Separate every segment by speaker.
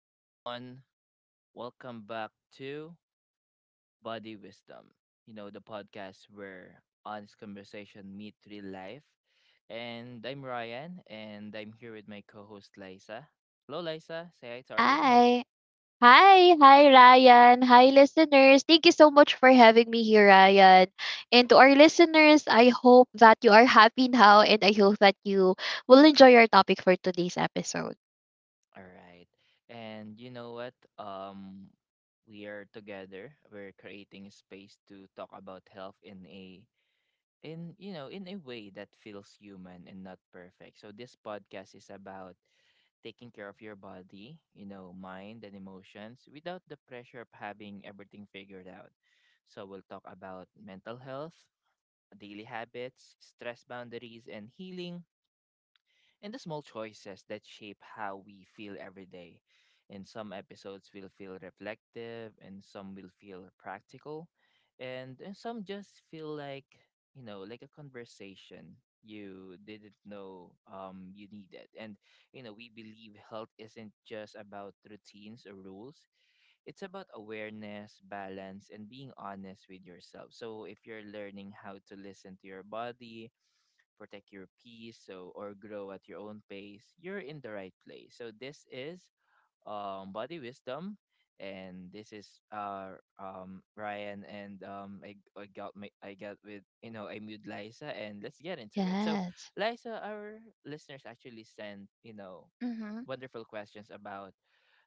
Speaker 1: Hey everyone, welcome back to Body Wisdom. You know, the podcast where honest conversation meet real life. And I'm Ryan and I'm here with my co-host Liza. Hello Liza, say hi to our listeners.
Speaker 2: Hi. Hi, Ryan. Hi listeners. Thank you so much for having me here, Ryan. And to our listeners, I hope that you are happy now and I hope that you will enjoy our topic for today's episode.
Speaker 1: All right. And you know what? We are together. We're creating a space to talk about health in a in you know, in a way that feels human and not perfect. So this podcast is about taking care of your body, you know, mind and emotions, without the pressure of having everything figured out. So we'll talk about mental health, daily habits, stress, boundaries and healing, and the small choices that shape how we feel every day. And some episodes will feel reflective, and some will feel practical, and some just feel like, you know, like a conversation you didn't know you needed. And you know, we believe health isn't just about routines or rules, it's about awareness, balance and being honest with yourself. So if you're learning how to listen to your body, protect your peace, so or grow at your own pace, you're in the right place. So this is Body Wisdom, and this is Ryan, and I got with you know, I'm with Liza, and let's get into it. So
Speaker 2: Yes.
Speaker 1: Liza, our listeners actually sent, you know,
Speaker 2: Mm-hmm.
Speaker 1: wonderful questions about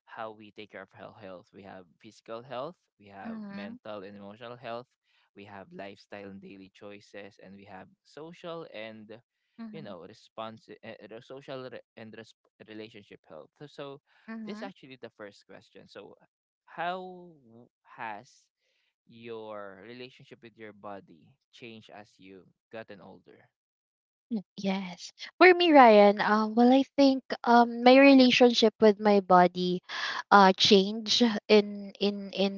Speaker 1: how we take care of our health. We have physical health, we have
Speaker 2: Mm-hmm.
Speaker 1: mental and emotional health, we have lifestyle and daily choices, and we have social and you know, response social relationship health. So, so this is
Speaker 2: Mm-hmm.
Speaker 1: actually the first question. So how w- has your relationship with your body changed as you gotten older?
Speaker 2: Mm, yes. For me, Ryan, well, I think my relationship with my body changed in in in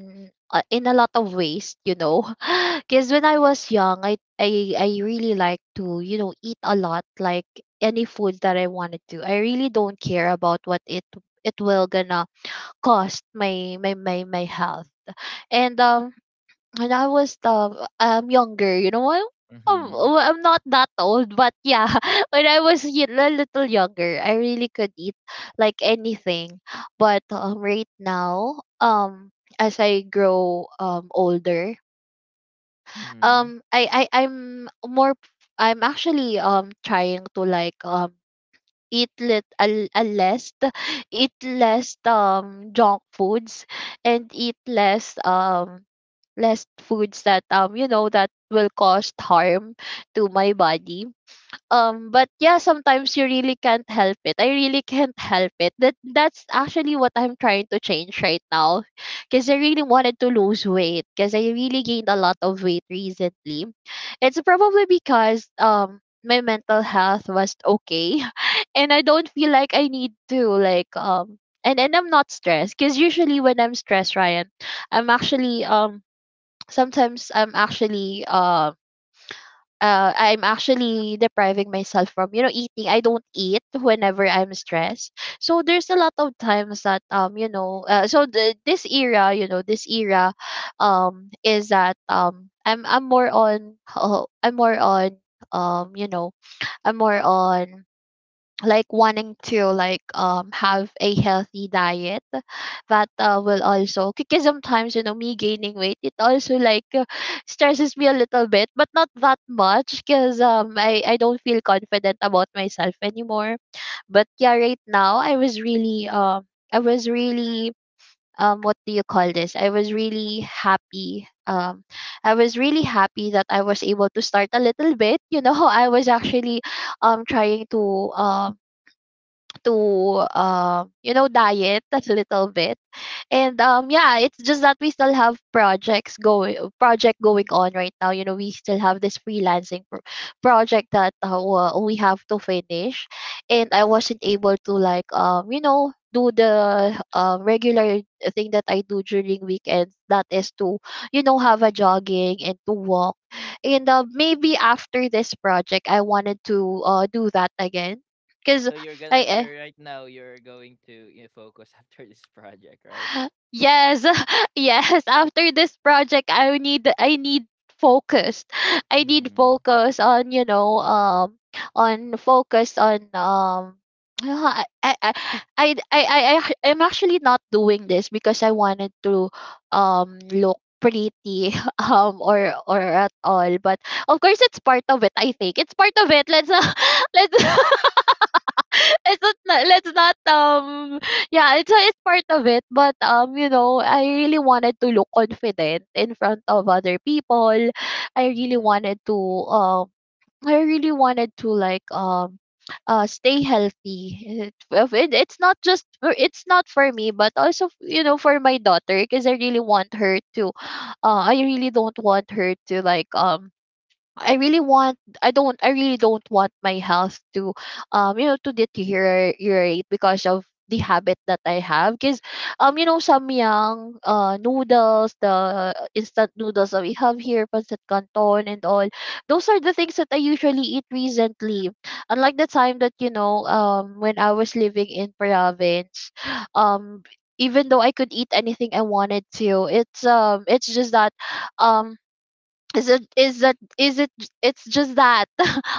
Speaker 2: uh, in a lot of ways, you know. Because when I was young, I really like to, you know, eat a lot, like any food that I wanted to. I really don't care about what it will gonna cost my health. And when I was younger, you know, I'm
Speaker 1: Mm-hmm.
Speaker 2: well, I'm not that old, but yeah, when I was a little younger, I really could eat like anything. But right now, as I grow older,
Speaker 1: Mm-hmm.
Speaker 2: I I'm more. I'm actually trying to like eat lit a less eat less junk foods and eat less foods that that will cause harm to my body. But yeah, sometimes you really can't help it. I really can't help it. That's actually what I'm trying to change right now, because I really wanted to lose weight, because I really gained a lot of weight recently. It's probably because my mental health was okay, and I don't feel like I need to like, and I'm not stressed, because usually when I'm stressed, Ryan, I'm actually sometimes I'm actually depriving myself from eating. I don't eat whenever I'm stressed. So there's a lot of times that this era is that I'm more on you know I'm more on like wanting to like have a healthy diet, that will also, because sometimes me gaining weight, it also stresses me a little bit, but not that much because I don't feel confident about myself anymore. But yeah, right now, I was really what do you call this, I was really happy I was really happy that I was able to start a little bit. I was actually trying to diet a little bit. And yeah, it's just that we still have projects going project going on right now. We still have this freelancing project that we have to finish, and I wasn't able to like do the regular thing that I do during weekends, that is to have a jogging and to walk. And maybe after this project I wanted to do that again, because
Speaker 1: So you're
Speaker 2: I
Speaker 1: gonna,
Speaker 2: eh,
Speaker 1: you're right now, you're going to, you know, focus after this project, right?
Speaker 2: yes, yes. After this project, I need focused. I
Speaker 1: Mhm.
Speaker 2: need
Speaker 1: Mhm.
Speaker 2: focus on you know on focus on. I I I I'm actually not doing this because I wanted to look pretty or at all, but of course it's part of it, I think it's part of it. Let's let's it's let's not yeah, it's part of it. But you know, I really wanted to look confident in front of other people. I really
Speaker 1: Mhm.
Speaker 2: wanted to um I really wanted to like stay healthy. It's not just it's not for me, but also you know, for my daughter, because I really want her to I really don't want her to like I really don't want my health to you know, to deteriorate because of the habit that I have, because you know, samyang noodles, the instant noodles that we have here, pancit canton and all, those are the things that I usually eat recently, unlike the time that when I was living in province. um Even though I could eat anything I wanted to, it's just that um is it is that is it it's just that,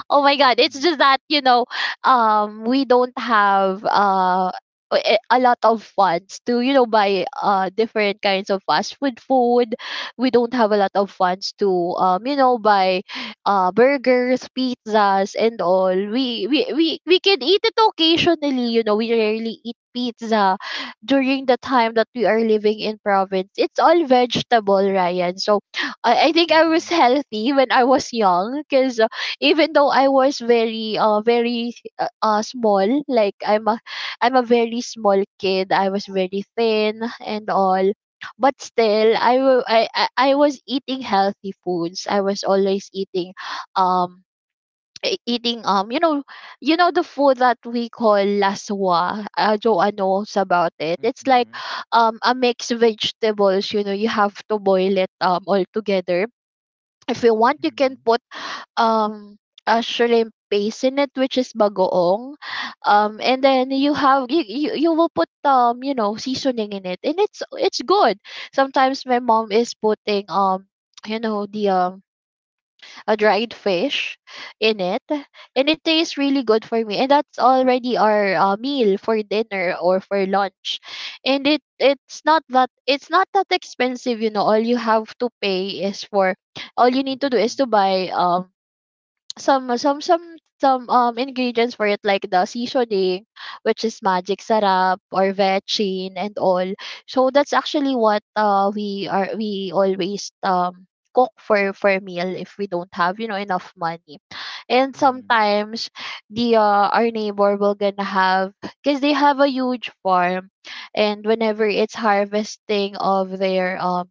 Speaker 2: oh my
Speaker 1: Mhm.
Speaker 2: god, it's
Speaker 1: Mhm.
Speaker 2: just that, you know, we don't have a lot of funds to you know, buy different kinds of fast food. We don't have a lot of funds to you know, buy burgers, pizzas and all. We can eat it occasionally. You know, we rarely eat pizza during the time that we are living in province. It's all vegetable, Ryan. So I think I was
Speaker 1: Mhm.
Speaker 2: healthy when I was young because, even though I was very very small, like I'm a very small kid, I was very thin and all, but still I was eating healthy foods. I was always eating um eating you know, you know, the food that we call laswa. Joanne knows about it. It's like
Speaker 1: Mhm.
Speaker 2: a mixed vegetables. You know, you have to boil it all together. If you want, you can
Speaker 1: Mhm.
Speaker 2: put um a shrimp paste in it, which is bagoong, and then you will put you know, seasoning in it, and it's good. Sometimes my mom is putting you know, the a dried fish in it, and it tastes really good for me, and that's already our meal for dinner or for lunch. And it's not that expensive. You know, all you have to pay is for all you need
Speaker 1: Mhm.
Speaker 2: to do is
Speaker 1: Mhm.
Speaker 2: to buy some some some some ingredients for it, like the seasoning, which is magic sarap or vetchin and all. So that's actually what we are we always cook for a meal, if we don't have you know, enough money. And
Speaker 1: Mhm.
Speaker 2: sometimes the our neighbor will gonna have, because they have a huge farm, and whenever it's harvesting of their um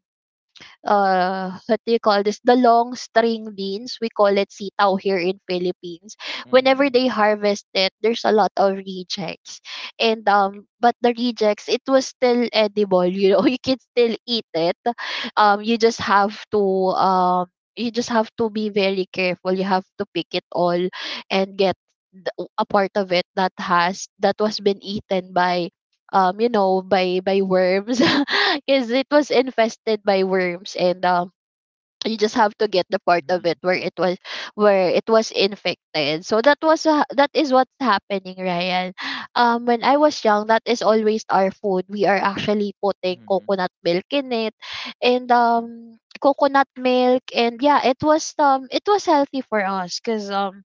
Speaker 2: uh, what do you call this, the long string beans. We call it sitaw here in Philippines. Whenever they harvest it, there's a lot of rejects. And but the rejects, it was still edible. You know, you can still eat it. You just have to um, you just have to be very careful. You have to pick it all and get the- a part of it that has that was been eaten by you know, by worms, because it was infested by worms, and you just have to get the part of it
Speaker 1: Mhm.
Speaker 2: where it was infected. So that was that is what's happening, Ryan. When I was young, that is always our food. We are actually putting coconut milk in it, and coconut milk and yeah, it was healthy for us, because um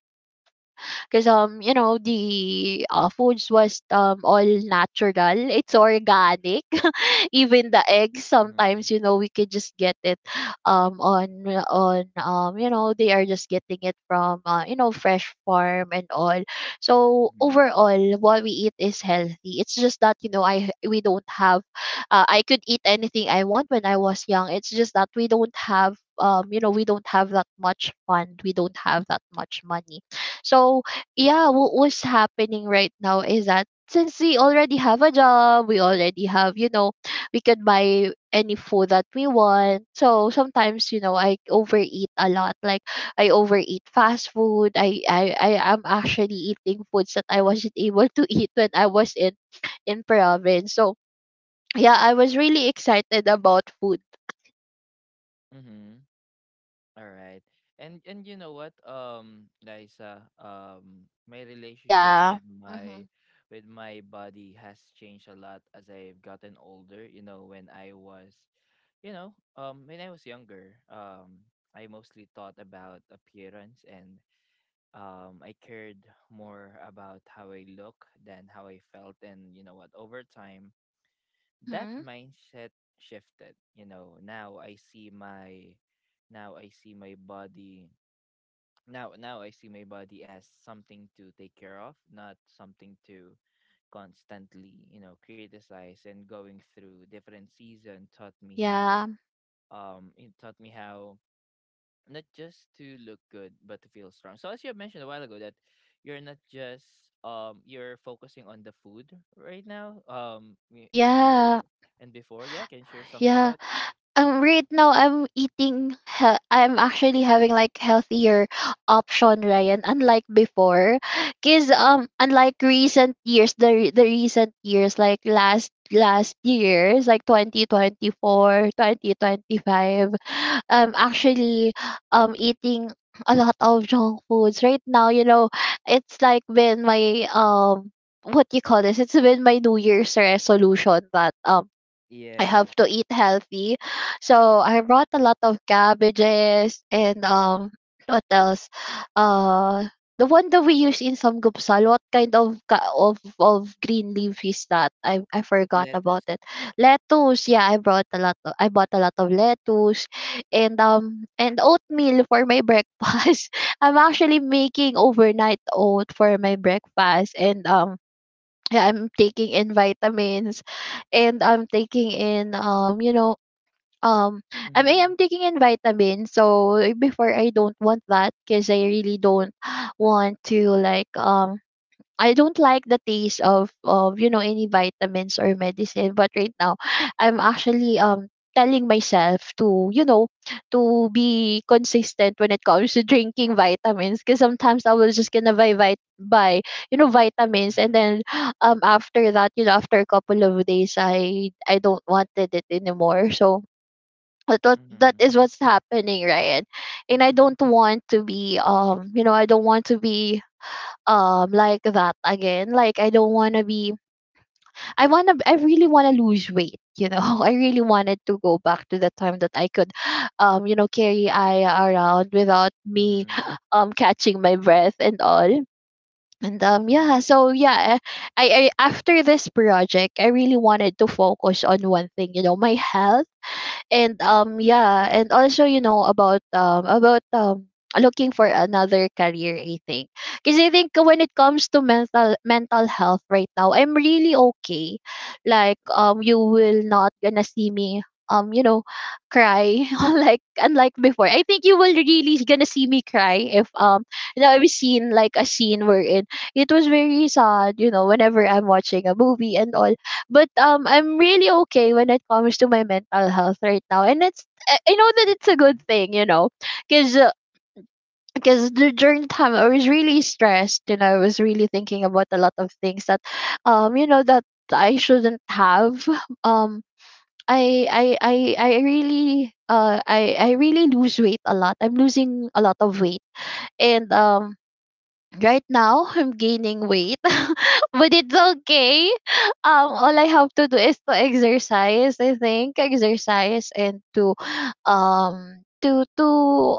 Speaker 2: because um you know, the foods was all natural. It's organic. Even the eggs,
Speaker 1: Mhm.
Speaker 2: sometimes you know, we could just get it um on on you know, they are just getting it from you know, fresh farm and all. So
Speaker 1: Mhm.
Speaker 2: overall, what we eat is healthy. It's just that you know, I we don't have I could eat anything I want when I was young. It's just that we don't have you know, we don't have that much fund, we don't have that much money. So yeah, what was happening right now is that, since we already have a job, we already have, you know, we could buy any food that we want. So sometimes, you know, I overeat a lot. Like I overeat fast food. I am actually eating foods that I wasn't able to eat when I was in province. So yeah, I was really excited about food.
Speaker 1: Mhm. All right. And you know what, Liza, my relationship with
Speaker 2: Yeah.
Speaker 1: my
Speaker 2: Mm-hmm.
Speaker 1: with my body has changed a lot as I've gotten older. You know, when I was, you know, when I was younger, I mostly thought about appearance, and I cared more about how I look than how I felt. And you know what? Over time, that
Speaker 2: Mm-hmm.
Speaker 1: mindset shifted. You know, now I see my body. Now, now I see my body as something to take care of, not something to constantly, you know, criticize. And going through different season taught me how,
Speaker 2: Yeah.
Speaker 1: it taught me how not just to look good but to feel strong. So as you have mentioned a while ago, that you're not just um, you're focusing on the food right now, um, you're,
Speaker 2: Yeah.
Speaker 1: and before, yeah, can you share something
Speaker 2: Yeah.
Speaker 1: about that?
Speaker 2: Right now I'm I'm actually having like healthier option, Ryan, unlike before, cuz unlike recent years, the recent years, like last years, like 2024, twenty 2025, actually eating a lot of junk foods right now, you know, it's like been my what you call this, it's been my new year's resolution that I have
Speaker 1: Yes.
Speaker 2: to eat healthy. So I brought a lot of cabbages and what else? Uh the one that we use in some gupsal, what kind of of green leaf is that? I
Speaker 1: Is it
Speaker 2: forgot about it.
Speaker 1: lettuce?
Speaker 2: Lettuce, yeah, I brought a lot. I bought a lot of lettuce, and oatmeal for my breakfast. I'm actually making overnight oat for my breakfast, and yeah, I'm taking in vitamins, and I'm taking in um I mean, I'm
Speaker 1: Mm-hmm.
Speaker 2: taking in vitamins. So before, I don't want that because I really don't want to like I don't like the taste of any vitamins or medicine. But right now, I'm actually telling myself to you know to be consistent when it comes to drinking vitamins, because sometimes I was just gonna buy buy vitamins, and
Speaker 1: Mm-hmm.
Speaker 2: then after that, after a couple of days, I don't wanted it anymore. So that
Speaker 1: Mm-hmm.
Speaker 2: is what's happening, right? And I don't want to be I don't want to be like that again. Like, I don't want to be I really want to lose weight, you know? I really wanted to go back to the time that I could carry I around without me
Speaker 1: Mm-hmm.
Speaker 2: catching my breath and all. And yeah,
Speaker 1: Mm-hmm.
Speaker 2: so yeah. I After this project, I really wanted to focus on one thing, you know, my health. And yeah, and also, you know, about looking for another career, I think. Because I think when it comes to mental health, right now I'm really okay. Like, you will not gonna see me um you know cry. Like, unlike before, I think you will really gonna see me cry if I've seen like a scene wherein it was very sad, you know, whenever I'm watching a movie and all. But I'm really okay when it comes to my mental health right now, and it's I know that it's a
Speaker 1: Mm-hmm.
Speaker 2: good thing. Because during the time, I was really stressed, and I was really thinking about a lot of things that, that I shouldn't have. Um, I really lose weight a lot. I'm losing a lot of weight, and right now I'm gaining weight. But it's okay. All I have to do is to exercise. I think exercise, and to, um, to to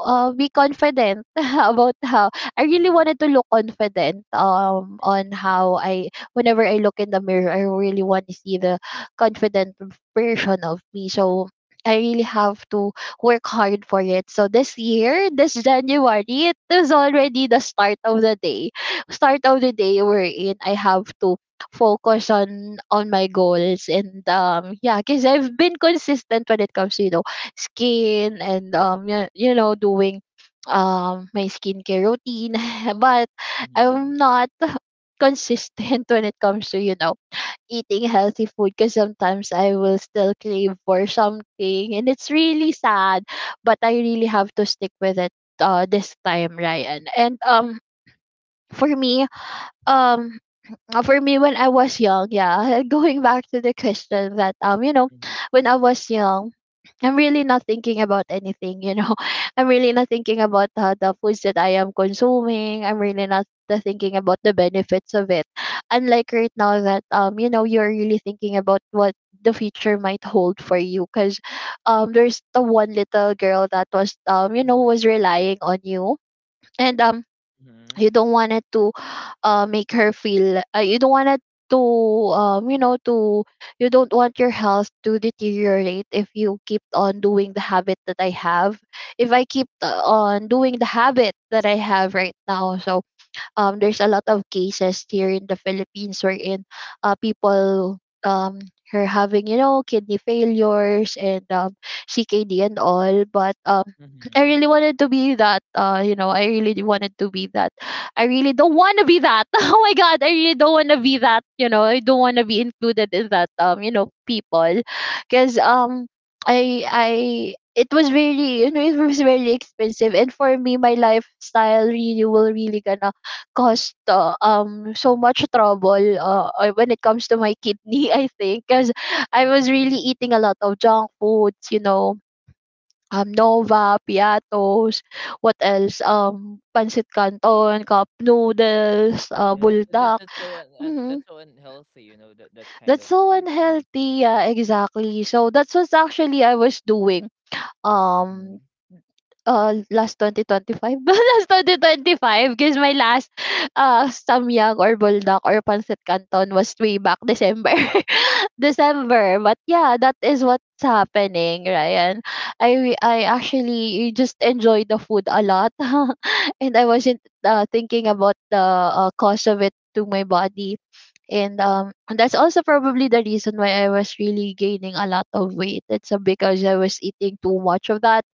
Speaker 2: uh, be confident. About how I
Speaker 1: Mm-hmm.
Speaker 2: really
Speaker 1: Mm-hmm.
Speaker 2: wanted to look confident. On how I Whenever I look in the mirror, I really want to see the confident version of me. So I really have to work hard for it. So this year, this January, it was already the start of the day. Start of the day we're in. I have to focus on my goals. And yeah, because I've been consistent when it comes to, you know, skin and doing my skincare routine. But
Speaker 1: Mm-hmm.
Speaker 2: I'm not consistent when it comes to, you know, eating healthy food, because sometimes I will still crave for something, and it's really sad. But I really have to stick with it this time, Ryan. And for me um for me when I was young, yeah. Going back to the question that you know, when I was young, I'm really not thinking about anything, you know. I'm really not thinking about the foods that I am consuming. I'm really not the thinking about the benefits of it. Unlike right now that you know, you're really thinking about what the future might hold for you. Because there's the one little girl that was was relying on you. And you don't want it to make her feel you don't want it to um, you know to you don't want your health to deteriorate if you keep on doing the habit that I have. If I keep on doing the habit that I have right now. So, there's a lot of cases here in the Philippines wherein people um, are having, you know, kidney failures, and, CKD and all. But I
Speaker 1: Mm-hmm.
Speaker 2: really wanted to be that. I really wanted to be that. I really don't want to be that. Oh my God, I really don't want to be
Speaker 1: Mm-hmm.
Speaker 2: that. You know, I don't want to be included in that. You know, people, because I it was really, you know, it was very expensive. And for me, my lifestyle really will really gonna caused so much trouble, when it comes to my kidney. I think, because I was really eating a lot of junk foods. Nova piatos, what else, pancit canton, cup noodles,
Speaker 1: Yes,
Speaker 2: buldak.
Speaker 1: that's
Speaker 2: Mhm.
Speaker 1: so unhealthy, you know, that that kind
Speaker 2: That's
Speaker 1: of
Speaker 2: so
Speaker 1: food thing.
Speaker 2: unhealthy, yeah, exactly, so that's what actually I was doing, um last 2025. Last 2025, because my last samyang or buldak or pancit canton was way back December. December, but yeah, that is what's happening, Ryan. I actually just enjoy the food a lot. And I wasn't thinking about the cost of it to my body. And that's also probably the reason why I was really gaining a lot of weight. It's because I was eating too much of that.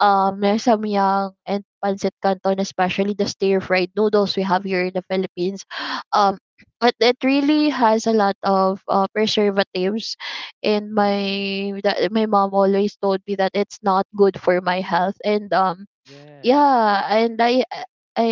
Speaker 2: There's samyang and pancit canton, especially the stir fried noodles we have here in the Philippines. Um, but it really has a lot of preservatives, and
Speaker 1: Mm-hmm.
Speaker 2: my mom always told me that it's not good for my health. And
Speaker 1: Yes.
Speaker 2: yeah, and I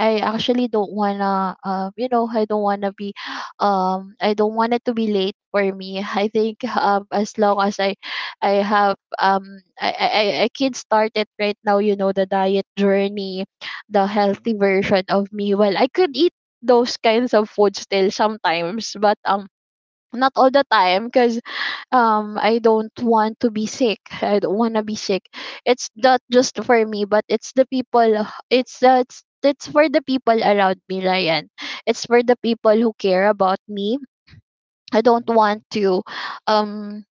Speaker 2: I actually don't wanna you know, I don't wanna be I don't want it to be late for me. I think, as long as I have, I can start it right now, you know, the diet journey, the
Speaker 1: Mm-hmm.
Speaker 2: healthy version of me. Well, I could eat those kinds of food still sometimes, but not all the time, because I don't want to be sick, I don't want to be sick. It's not just for me, but it's the people, it's that's it's for the people around me, Ryan. It's for the people who care about me. I don't
Speaker 1: Mm-hmm.
Speaker 2: want to, um,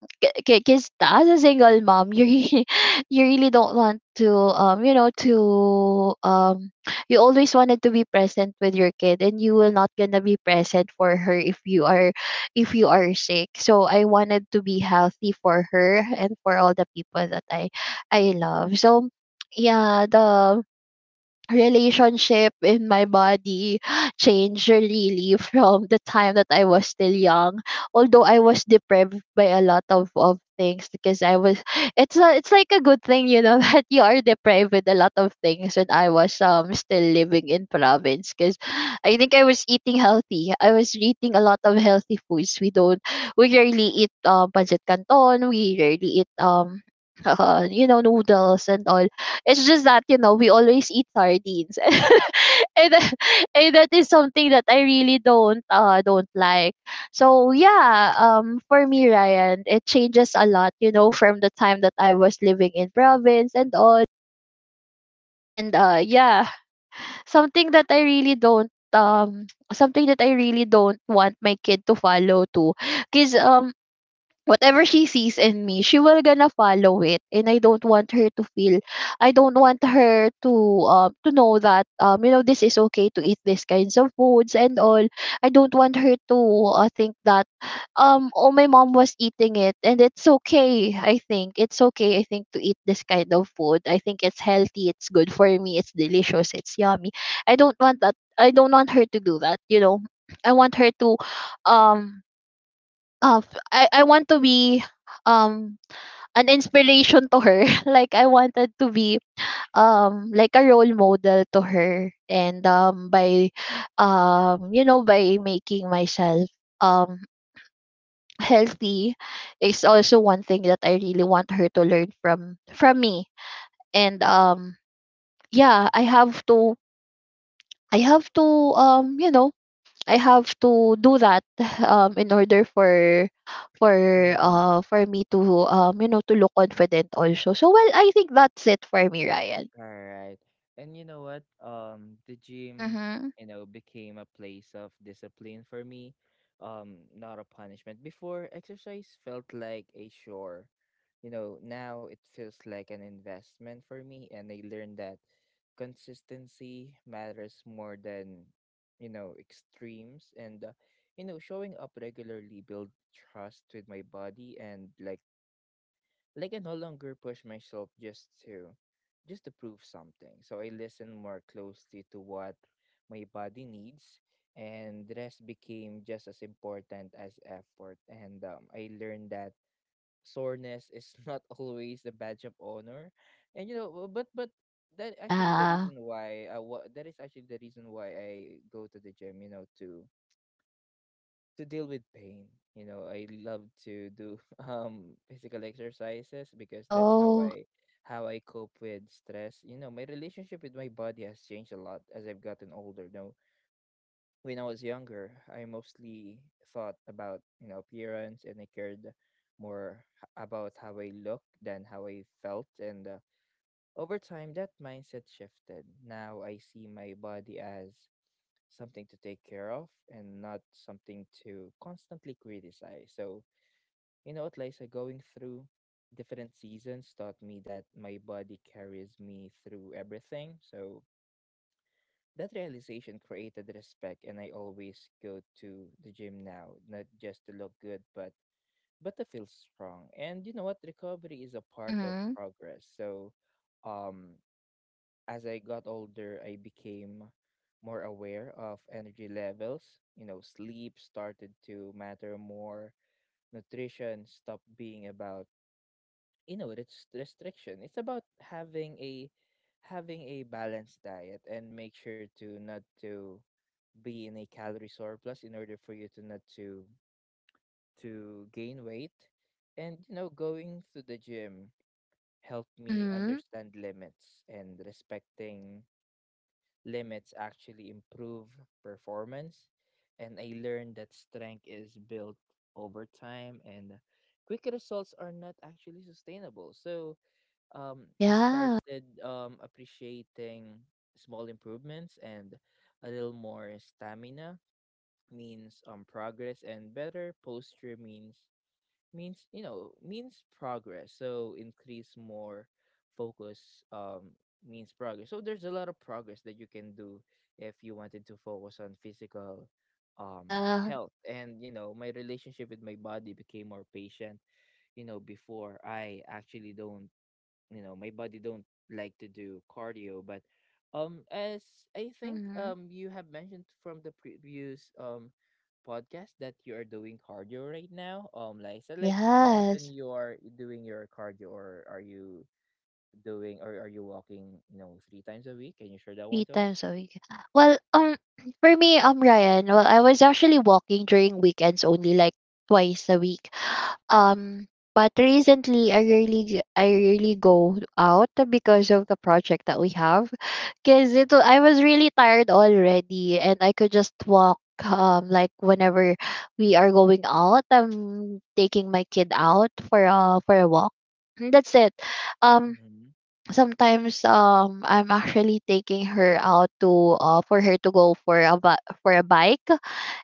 Speaker 2: because as a single mom, you really, you really don't want to, you always wanted to be present with your kid. And you will not gonna be present for her if you are sick. So I wanted to be healthy for her and for all the people that I love. So, yeah, the relationship in my body changed really from the time that I was still young. Although I was deprived by a lot of things. Because I was it's like a good thing, you know, that you are deprived with a lot of things when I was still living in province. Because I think I was eating healthy. I was eating a lot of healthy foods. We don't We rarely eat pancit canton, we rarely eat you know, noodles and all. It's just that, you know, we always eat sardines. And, and that is something that I really don't like. So yeah, for me, Ryan, it changes a lot, you know, from the time that I was living in province and all. And yeah, something that I really don't um something that I really don't want my kid to follow too. Cause whatever she sees in me, she will gonna follow it. And I don't want her to know that this is okay to eat these kinds of foods and all. I don't want her to think that oh, my mom was eating it and it's okay. I think it's okay. I think to eat this kind of food. I think it's healthy. It's good for me. It's delicious. It's yummy. I don't want that. I don't want her to do that. You know, I want her to um f- I want to be um an inspiration to her. Like, I wanted to be like a role model to her. And by by making myself um healthy is also one thing that I really want her to learn from me. And yeah, I have to um you know I have to do that. In order for for
Speaker 1: Mm-hmm.
Speaker 2: for me to to look confident also. So, well, I think that's it for me, Ryan.
Speaker 1: All right. And you know what? The gym,
Speaker 2: Mm-hmm.
Speaker 1: you know, became a place of discipline for me, not a punishment. Before, exercise felt like a chore. You know, now it feels like an investment for me, and I learned that consistency matters more than, you know, extremes. And, you know, showing up regularly build trust with my body, and I no longer push myself just to prove something. So I listen more closely to what my body needs, and rest became just as important as effort. And I learned that soreness is not always a badge of honor. And you know, but that actually the
Speaker 2: Yeah.
Speaker 1: reason why what that is actually the reason why I go to the gym, you know, to deal with pain. You know, I love to do physical exercises because that's how
Speaker 2: Oh.
Speaker 1: I cope with stress. You know, my relationship with my body has changed a lot as I've gotten older. Now, when I was younger, I mostly thought about, you know, appearance, and I cared more about how I looked than how I felt. And over time that mindset shifted. Now I see my body as something to take care of and not something to constantly criticize. So, you know what, Liza, going through different seasons taught me that my body carries me through everything. So, that realization created respect, and I always go to the gym now, not just to look good, but to feel strong. And you know what, recovery is a part of
Speaker 2: Mm-hmm.
Speaker 1: progress. So, um, as I got older, I became more aware of energy levels. You know, sleep started to matter more. Nutrition stopped being about, you know, it's restriction. It's about having a balanced diet, and make sure to not to be in a calorie surplus in order for you to not to gain weight. And you know, going to the gym helped me
Speaker 2: Mm-hmm.
Speaker 1: understand limits, and respecting limits actually improve performance. And I learned that strength is built over time, and quick results are not actually sustainable. So I
Speaker 2: Yeah.
Speaker 1: started appreciating small improvements, and a little more stamina means progress, and better posture means means you know, means progress. So increase more focus means progress. So there's a lot of progress that you can do if you wanted to focus on physical um
Speaker 2: Yeah.
Speaker 1: health. And you know, my relationship with my body became more patient. You know, before I actually don't, you know, my body don't like to do cardio. But um, as I think
Speaker 2: Mm-hmm.
Speaker 1: um, you have mentioned from the previous podcast that you are doing cardio right now, um, like, so like how often
Speaker 2: Yes,
Speaker 1: you are doing your cardio, or are you doing, or are you walking, you know, 3 times a week? Can you share that
Speaker 2: three
Speaker 1: one to us?
Speaker 2: times a week. Well, for me, Ryan, well, I was actually walking during weekends only, like twice a week. Um, but recently I really go out because of the project that we have. I was really tired already, and I could just walk like whenever we are going out, I'm taking my kid out for a walk. And that's it. Um
Speaker 1: Mm-hmm.
Speaker 2: Sometimes I'm actually taking her out to for her to go for a for a bike,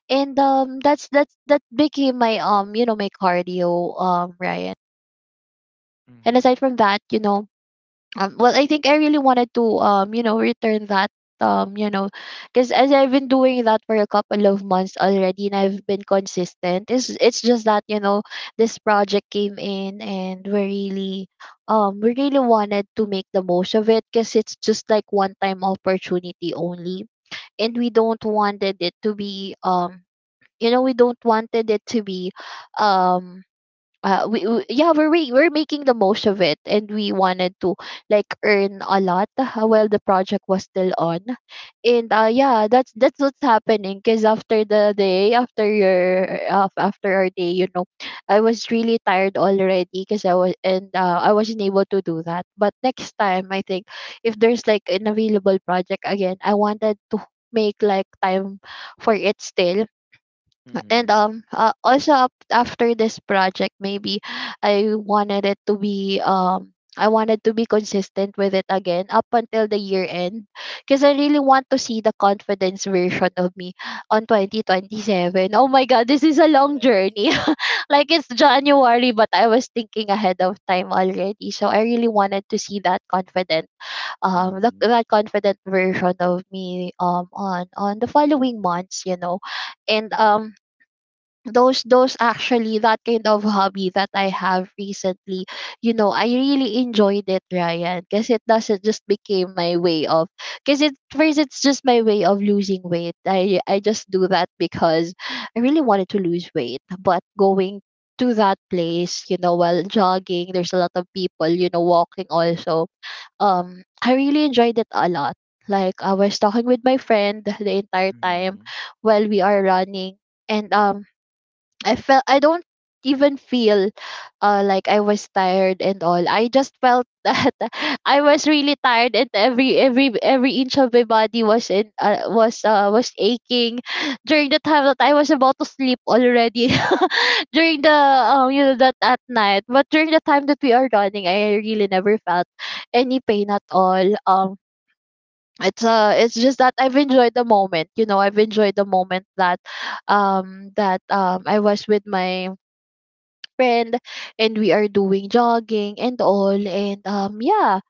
Speaker 2: and that became my my cardio, Ryan. And aside
Speaker 1: Mm-hmm.
Speaker 2: from that, you know, well, I think I really wanted to, return that. um you know because as I've been doing that for a couple of months already and I've been consistent, it's just that, you know, this project came in and we really, we really wanted to make the most of it because it's just like one time opportunity only. And we don't wanted it to be, we don't wanted it to be, um we yeah, we're making the most of it, and we wanted to like earn a lot, while the project was still on. And yeah, that's what's happening, because after the day, after your, after our day, you know, I was really tired already, because I was, and I wasn't able to do that. But next time, I think if there's like an available project again, I wanted to make like time for it still. And
Speaker 1: Mm-hmm.
Speaker 2: also up after this project, maybe I wanted it to be, I wanted to be consistent with it again up until the year end, because I really want to see the confidence version of me on 2027. Oh my god, this is a long
Speaker 1: Yes.
Speaker 2: journey. Like, it's January, but I was thinking ahead of time already, so I really wanted to see that confident,
Speaker 1: Mm-hmm.
Speaker 2: that confident version of me, on the following months, you know. And those actually, that kind of hobby that I have recently, you know, I really enjoyed it, Ryan, because it doesn't just became my way of, because it first it's just my way of losing weight. I just do that because I really wanted to lose weight. But going to that place, you know, while jogging, there's a lot of people, you know, walking also. I really enjoyed it a lot. Like, I was talking with my friend the entire time
Speaker 1: Mm-hmm.
Speaker 2: while we are running. And I felt I don't even feel, like I was tired and all. I just felt that I was really tired, and every inch of my body was in, was aching during the time that I was about to sleep already. During the, that, at night. But during the time that we are running, I really never felt any pain at all. It's just that I've enjoyed the moment. You know, I've enjoyed the moment that, I was with my friend, and we are doing jogging and all. And yeah,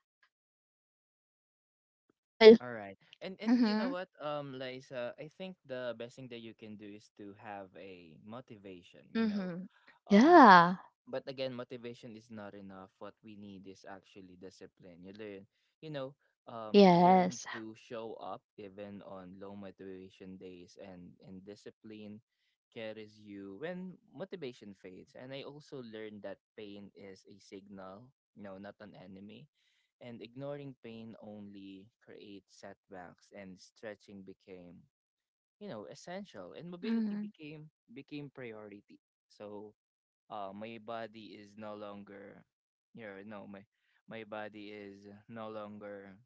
Speaker 2: well.
Speaker 1: All right. And you know
Speaker 2: Mhm.
Speaker 1: what, Liza, I think the best thing that you can do is to have a motivation, you know.
Speaker 2: Mhm.
Speaker 1: Um,
Speaker 2: Yeah.
Speaker 1: but again, motivation is not enough. What we need is actually discipline. You learn, you know, um, learn
Speaker 2: Yes.
Speaker 1: to show up even on low motivation days, and discipline carries you when motivation fades. And I also learned that pain is a signal, no, not an enemy, and ignoring pain only creates setbacks. And stretching became, you know, essential, and mobility
Speaker 2: Mhm.
Speaker 1: became priority. So my body is no longer, you know, no, my body is no longer,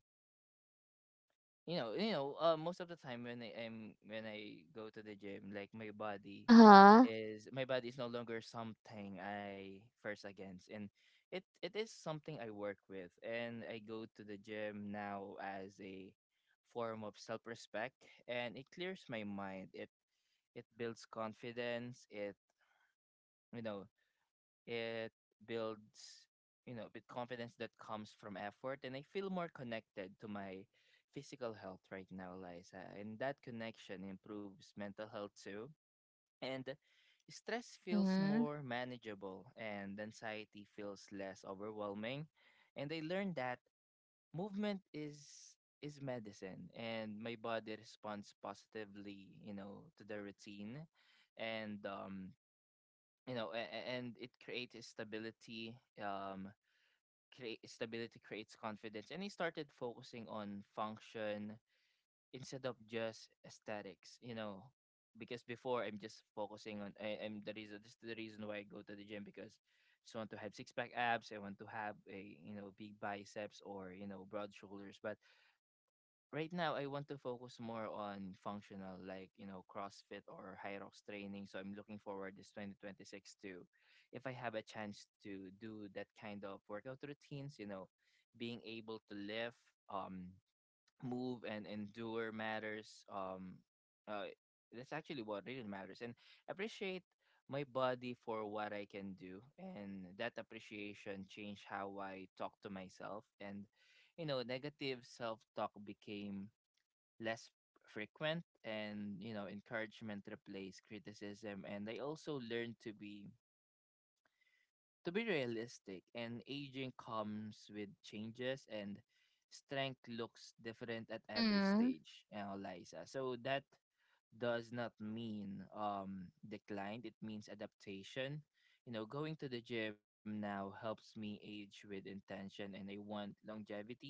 Speaker 1: you know, most of the time when I am when I go to the gym, like
Speaker 2: Uh-huh.
Speaker 1: my body is no longer something I first against, and it is something I work with. And I go to the gym now as a form of self respect, and it clears my mind. It builds confidence. It you know, it builds, you know, with confidence that comes from effort. And I feel more connected to my physical health right now, Liza. And that connection improves mental health too. And stress feels
Speaker 2: Mhm.
Speaker 1: more manageable, and anxiety feels less overwhelming. And I learned that movement is medicine, and my body responds positively, you know, to the routine. And um, you know, and it creates stability. Create stability creates confidence, and he started focusing on function instead of just aesthetics. You know, because before I'm just focusing on I'm the reason, this is the reason why I go to the gym, because I just want to have six pack abs. I want to have a, you know, big biceps, or you know, broad shoulders. But right now I want to focus more on functional, like, you know, CrossFit or high rocks training. So I'm looking forward this 2026 to, if I have a chance to do that kind of workout routines. You know, being able to lift, um, move and endure matters. Uh, that's actually what really matters, and appreciate my body for what I can do, and that appreciation changed how I talk to myself. And you know, negative self talk became less frequent, and you know, encouragement replaced criticism. And I also learned to be realistic, and aging comes with changes, and strength looks different at every
Speaker 2: Mhm.
Speaker 1: stage, you know, Liza. So that does not mean decline, it means adaptation. You know, going to the gym now helps me age with intention, and I want longevity,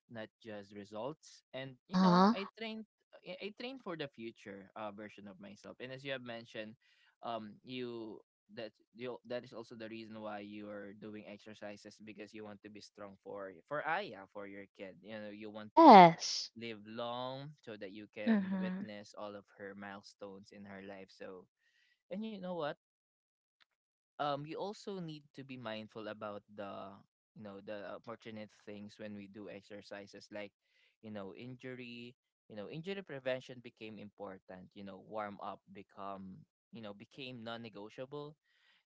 Speaker 1: not just results. And you know,
Speaker 2: Uh-huh.
Speaker 1: I train for the future version of myself. And as you have mentioned, um, you you that is also the reason why you are doing exercises, because you want to be strong for Aya, for your kid. You know, you want to
Speaker 2: Yes.
Speaker 1: live long so that you can
Speaker 2: Mhm.
Speaker 1: witness all of her milestones in her life. So, and you know what? You also need to be mindful about the you know the unfortunate things when we do exercises like injury. You know, injury prevention became important. You know, warm up become you know became non-negotiable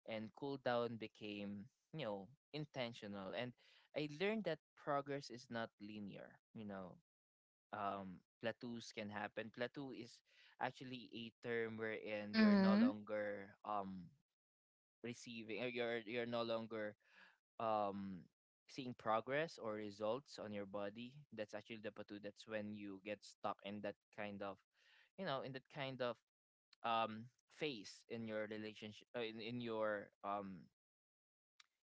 Speaker 1: and cool down became, you know, intentional. And I learned that progress is not linear, you know. Plateaus can happen. Plateau is actually a term wherein you're no
Speaker 2: Mhm.
Speaker 1: longer receiving or you're no longer um seeing progress or results on your body. That's actually the plateau. That's when you get stuck in that kind of, you know in that kind of phase in your relationship, in your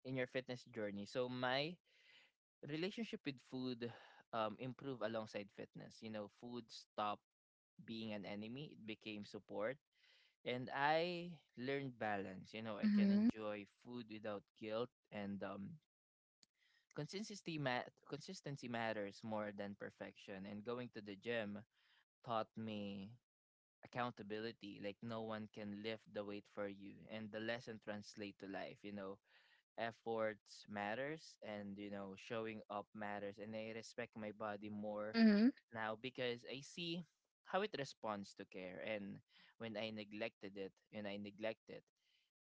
Speaker 1: in your fitness journey. So my relationship with food improved alongside fitness. You know, food stopped being an enemy, it became support. And I learned balance. You know, I can
Speaker 2: Mhm.
Speaker 1: enjoy food without guilt, and consistency matters more than perfection. And going to the gym taught me accountability, like no one can lift the weight for you, and the lesson translate to life, you know, efforts matters, and you know, showing up matters. And I respect my body more
Speaker 2: Mhm.
Speaker 1: now because I see how it responds to care. And when I neglect it,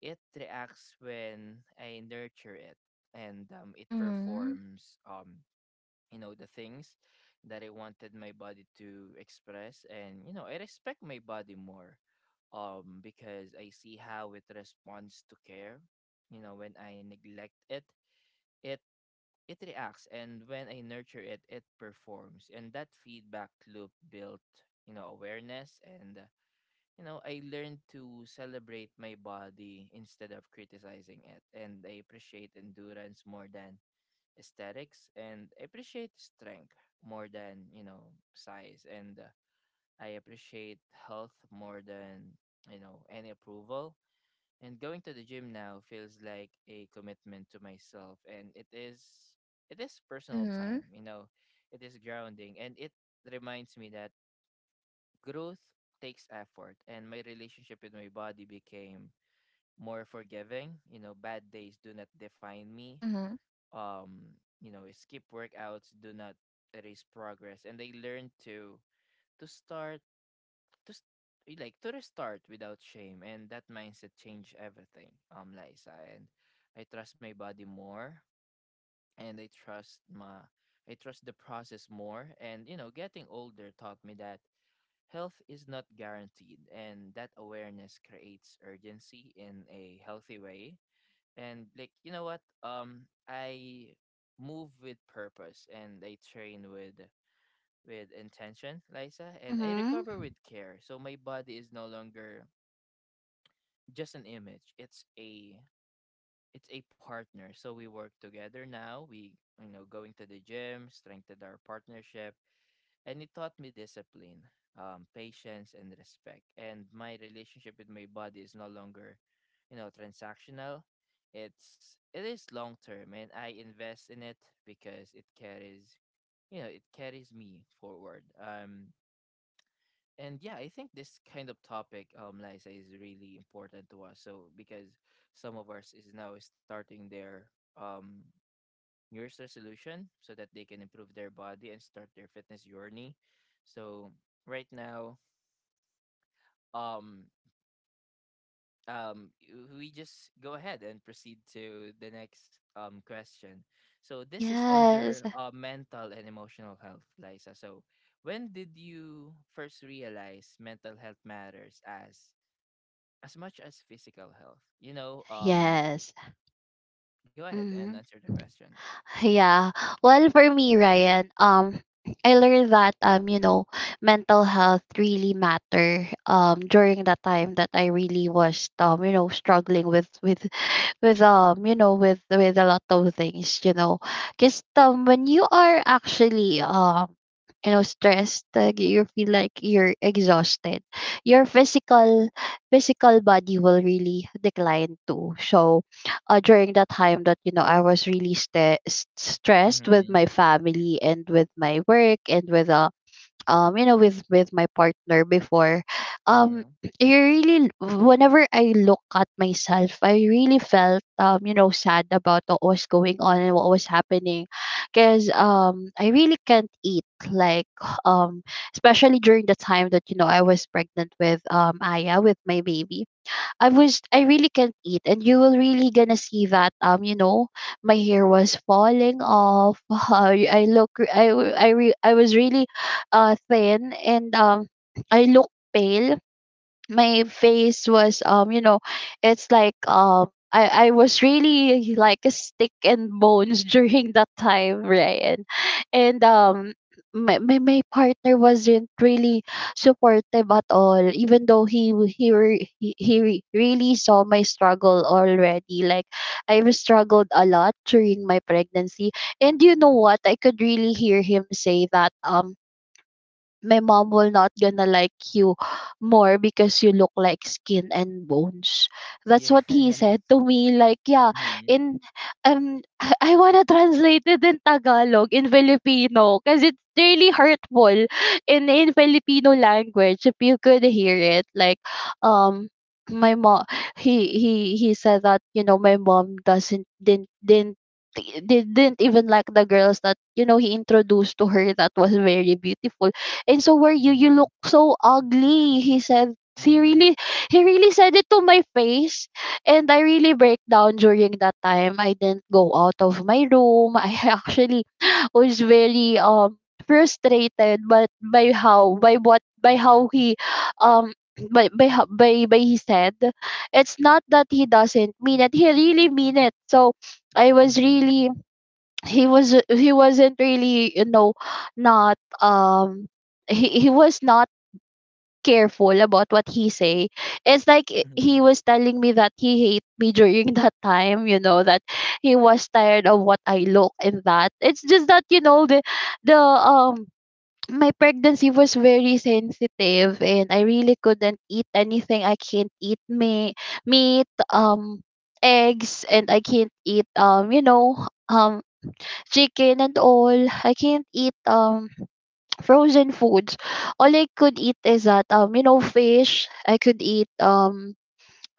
Speaker 1: it reacts. When I nurture it and it
Speaker 2: Mhm.
Speaker 1: performs you know the things that I wanted my body to express. And you know, I respect my body more because I see how it responds to care. You know, when I neglect it, it it reacts, and when I nurture it, it performs, and that feedback loop built, you know, awareness. And you know, I learned to celebrate my body instead of criticizing it, and I appreciate endurance more than aesthetics, and I appreciate strength more than, you know, size. And I appreciate health more than, you know, any approval. And going to the gym now feels like a commitment to myself, and it is personal
Speaker 2: Mhm.
Speaker 1: time, you know. It is grounding, and it reminds me that growth takes effort, and my relationship with my body became more forgiving. You know, bad days do not define me.
Speaker 2: Mhm.
Speaker 1: um you know, skip workouts do not erase progress, and they learn to start to s- like to restart without shame. And that mindset changed everything, Liza. And I trust my body more, and I trust the process more. And you know, getting older taught me that health is not guaranteed, and that awareness creates urgency in a healthy way. And like, you know what? I move with purpose, and I train with intention, Liza, and I
Speaker 2: Mhm.
Speaker 1: recover with care. So my body is no longer just an image, it's a partner. So we work together now. We you know Going to the gym strengthened our partnership, and it taught me discipline, patience, and respect. And my relationship with my body is no longer, you know, transactional. It is long term, and I invest in it because it carries, you know, it carries me forward. And yeah, I think this kind of topic, Liza, is really important to us. So because some of us is now starting their um New Year's resolution so that they can improve their body and start their fitness journey. So right now, um, um, we just go ahead and proceed to the next question. So this is
Speaker 2: Yes.
Speaker 1: under mental and emotional health, Liza. So when did you first realize mental health matters as much as physical health? You know,
Speaker 2: Yes.
Speaker 1: go ahead and
Speaker 2: Mhm.
Speaker 1: answer the question.
Speaker 2: Yeah. Well, for me, Ryan, I learned that, mental health really matter, during that time that I really was, struggling with with a lot of things, you know. Just when you are actually, stressed, you feel like you're exhausted, your physical body will really decline too. So during that time that, you know, I was really st- stressed with
Speaker 1: Mm-hmm.
Speaker 2: my family and with my work, and with, with my partner before. Um,
Speaker 1: Mm-hmm.
Speaker 2: I really, whenever I look at myself, I really felt, sad about what was going on and what was happening. Because I really can't eat, like, um especially during the time that, you know, I was pregnant with, Aya, with my baby. I really can't eat, and you will really gonna see that, my hair was falling off. I look I w- I, re, I was really thin, and I look pale. My face was, it's like, I was really like a stick and bones, during that time, Ryan. And my partner wasn't really supportive at all, even though he w- he re- really saw my struggle already. Like, I've struggled a lot during my pregnancy. And you know what, I could really hear him say that, my mom will not gonna like you more, because you look like skin and bones. That's what he
Speaker 1: Yes.
Speaker 2: said to me. Like, yeah, in, um, I wanna translate it in Tagalog, in Filipino, because it's really hurtful in Filipino language. If you could hear it, like, um. My mom, he said that, you know, my mom doesn't didn't, they didn't even like the girls that, you know, he introduced to her, that was very beautiful. And so were you,
Speaker 1: Mm-hmm.
Speaker 2: you look so ugly, he said. He
Speaker 1: Mhm,
Speaker 2: really, he really said it to my face. And I really break down during that time. I didn't go out of my room. I actually was very frustrated, but by how by what by how he, um by he said. It's not that he doesn't mean it, he really mean it. So I was
Speaker 1: mhm,
Speaker 2: really, he wasn't really, you know, not he was not careful about what he say. It's like, he
Speaker 1: mhm,
Speaker 2: was telling me that he hate me, during that time, you know, that he was tired of what I look. And that, it's just that, you know, the, the um my pregnancy was very sensitive, and I really couldn't eat anything. I can't eat me meat, eggs, and I can't eat, chicken and all. I can't eat, frozen foods. All I could eat is that, fish. I could eat, um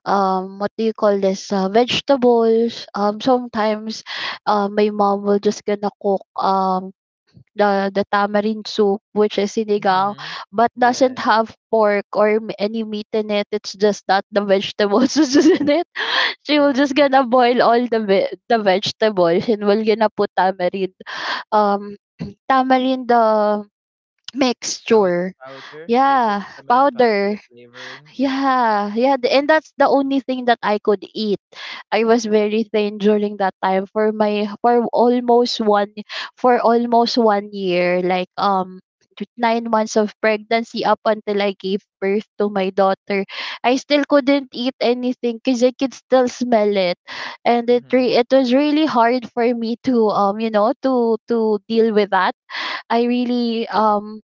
Speaker 2: um what do you call this, vegetables. Sometimes, my mom will just gonna cook, the tamarind soup, which is sinigang,
Speaker 1: mhm.
Speaker 2: but doesn't
Speaker 1: Yes,
Speaker 2: have pork or any meat in it. It's just that the vegetables is in it. She will just
Speaker 1: mhm.
Speaker 2: gonna boil all the the vegetables, and will gonna put tamarind, um tamarind, the
Speaker 1: Pow
Speaker 2: mixture.
Speaker 1: Powder, is it
Speaker 2: Yeah,
Speaker 1: the tamarind powder, the
Speaker 2: powder.
Speaker 1: flavoring? Yeah.
Speaker 2: Yeah, yeah, and that's the only thing that I could eat. I was very thin during that time, for my, for almost one, for almost one year, like, 9 months of pregnancy, up until I gave birth to my daughter. I still couldn't eat anything because I could still smell it. And
Speaker 1: Mhm,
Speaker 2: it was really hard for me to, to deal with that. I really,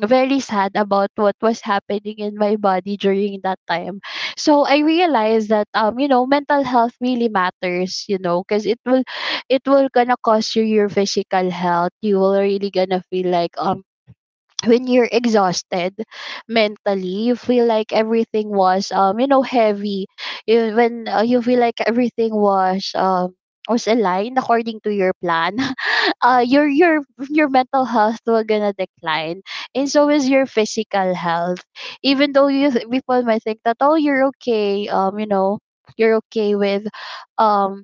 Speaker 2: very sad about what was happening in my body during that time. So I realized that, mental health really matters, you know, because it will, it will gonna cost you your physical health. You will really gonna feel like, when you're exhausted mentally, you feel like everything was, heavy. When, you feel like everything was, was aligned according to your plan. Your, your mental health will gonna decline, and so is your physical health. Even though people might think that, oh, you're okay, you're okay with, um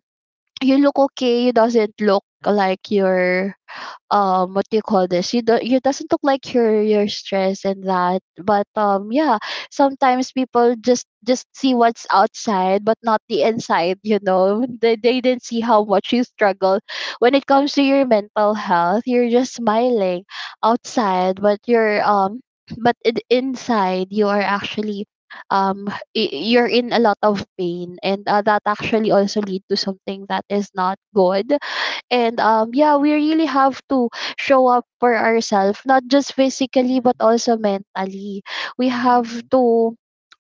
Speaker 2: you look okay, you doesn't look like you're what do you call this, you doesn't look like you're stressed and that, but yeah, sometimes people just see what's outside but not the inside, you know. They didn't see how much you struggle when it comes to your mental health. You're just smiling outside, but you're, but in, inside you are actually, um you're in a lot of pain. And that actually also lead to something that is not good. And yeah, we really have to show up for ourselves, not just physically
Speaker 1: mhm,
Speaker 2: but also mentally. We have
Speaker 1: mhm,
Speaker 2: to,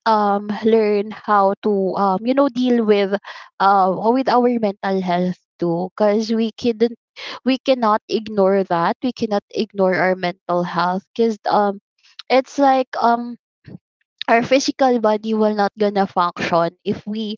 Speaker 2: learn how to, deal with, with our mental health too, because we cannot ignore that, we cannot ignore our mental health. Because it's like, our physical body will not gonna function if we,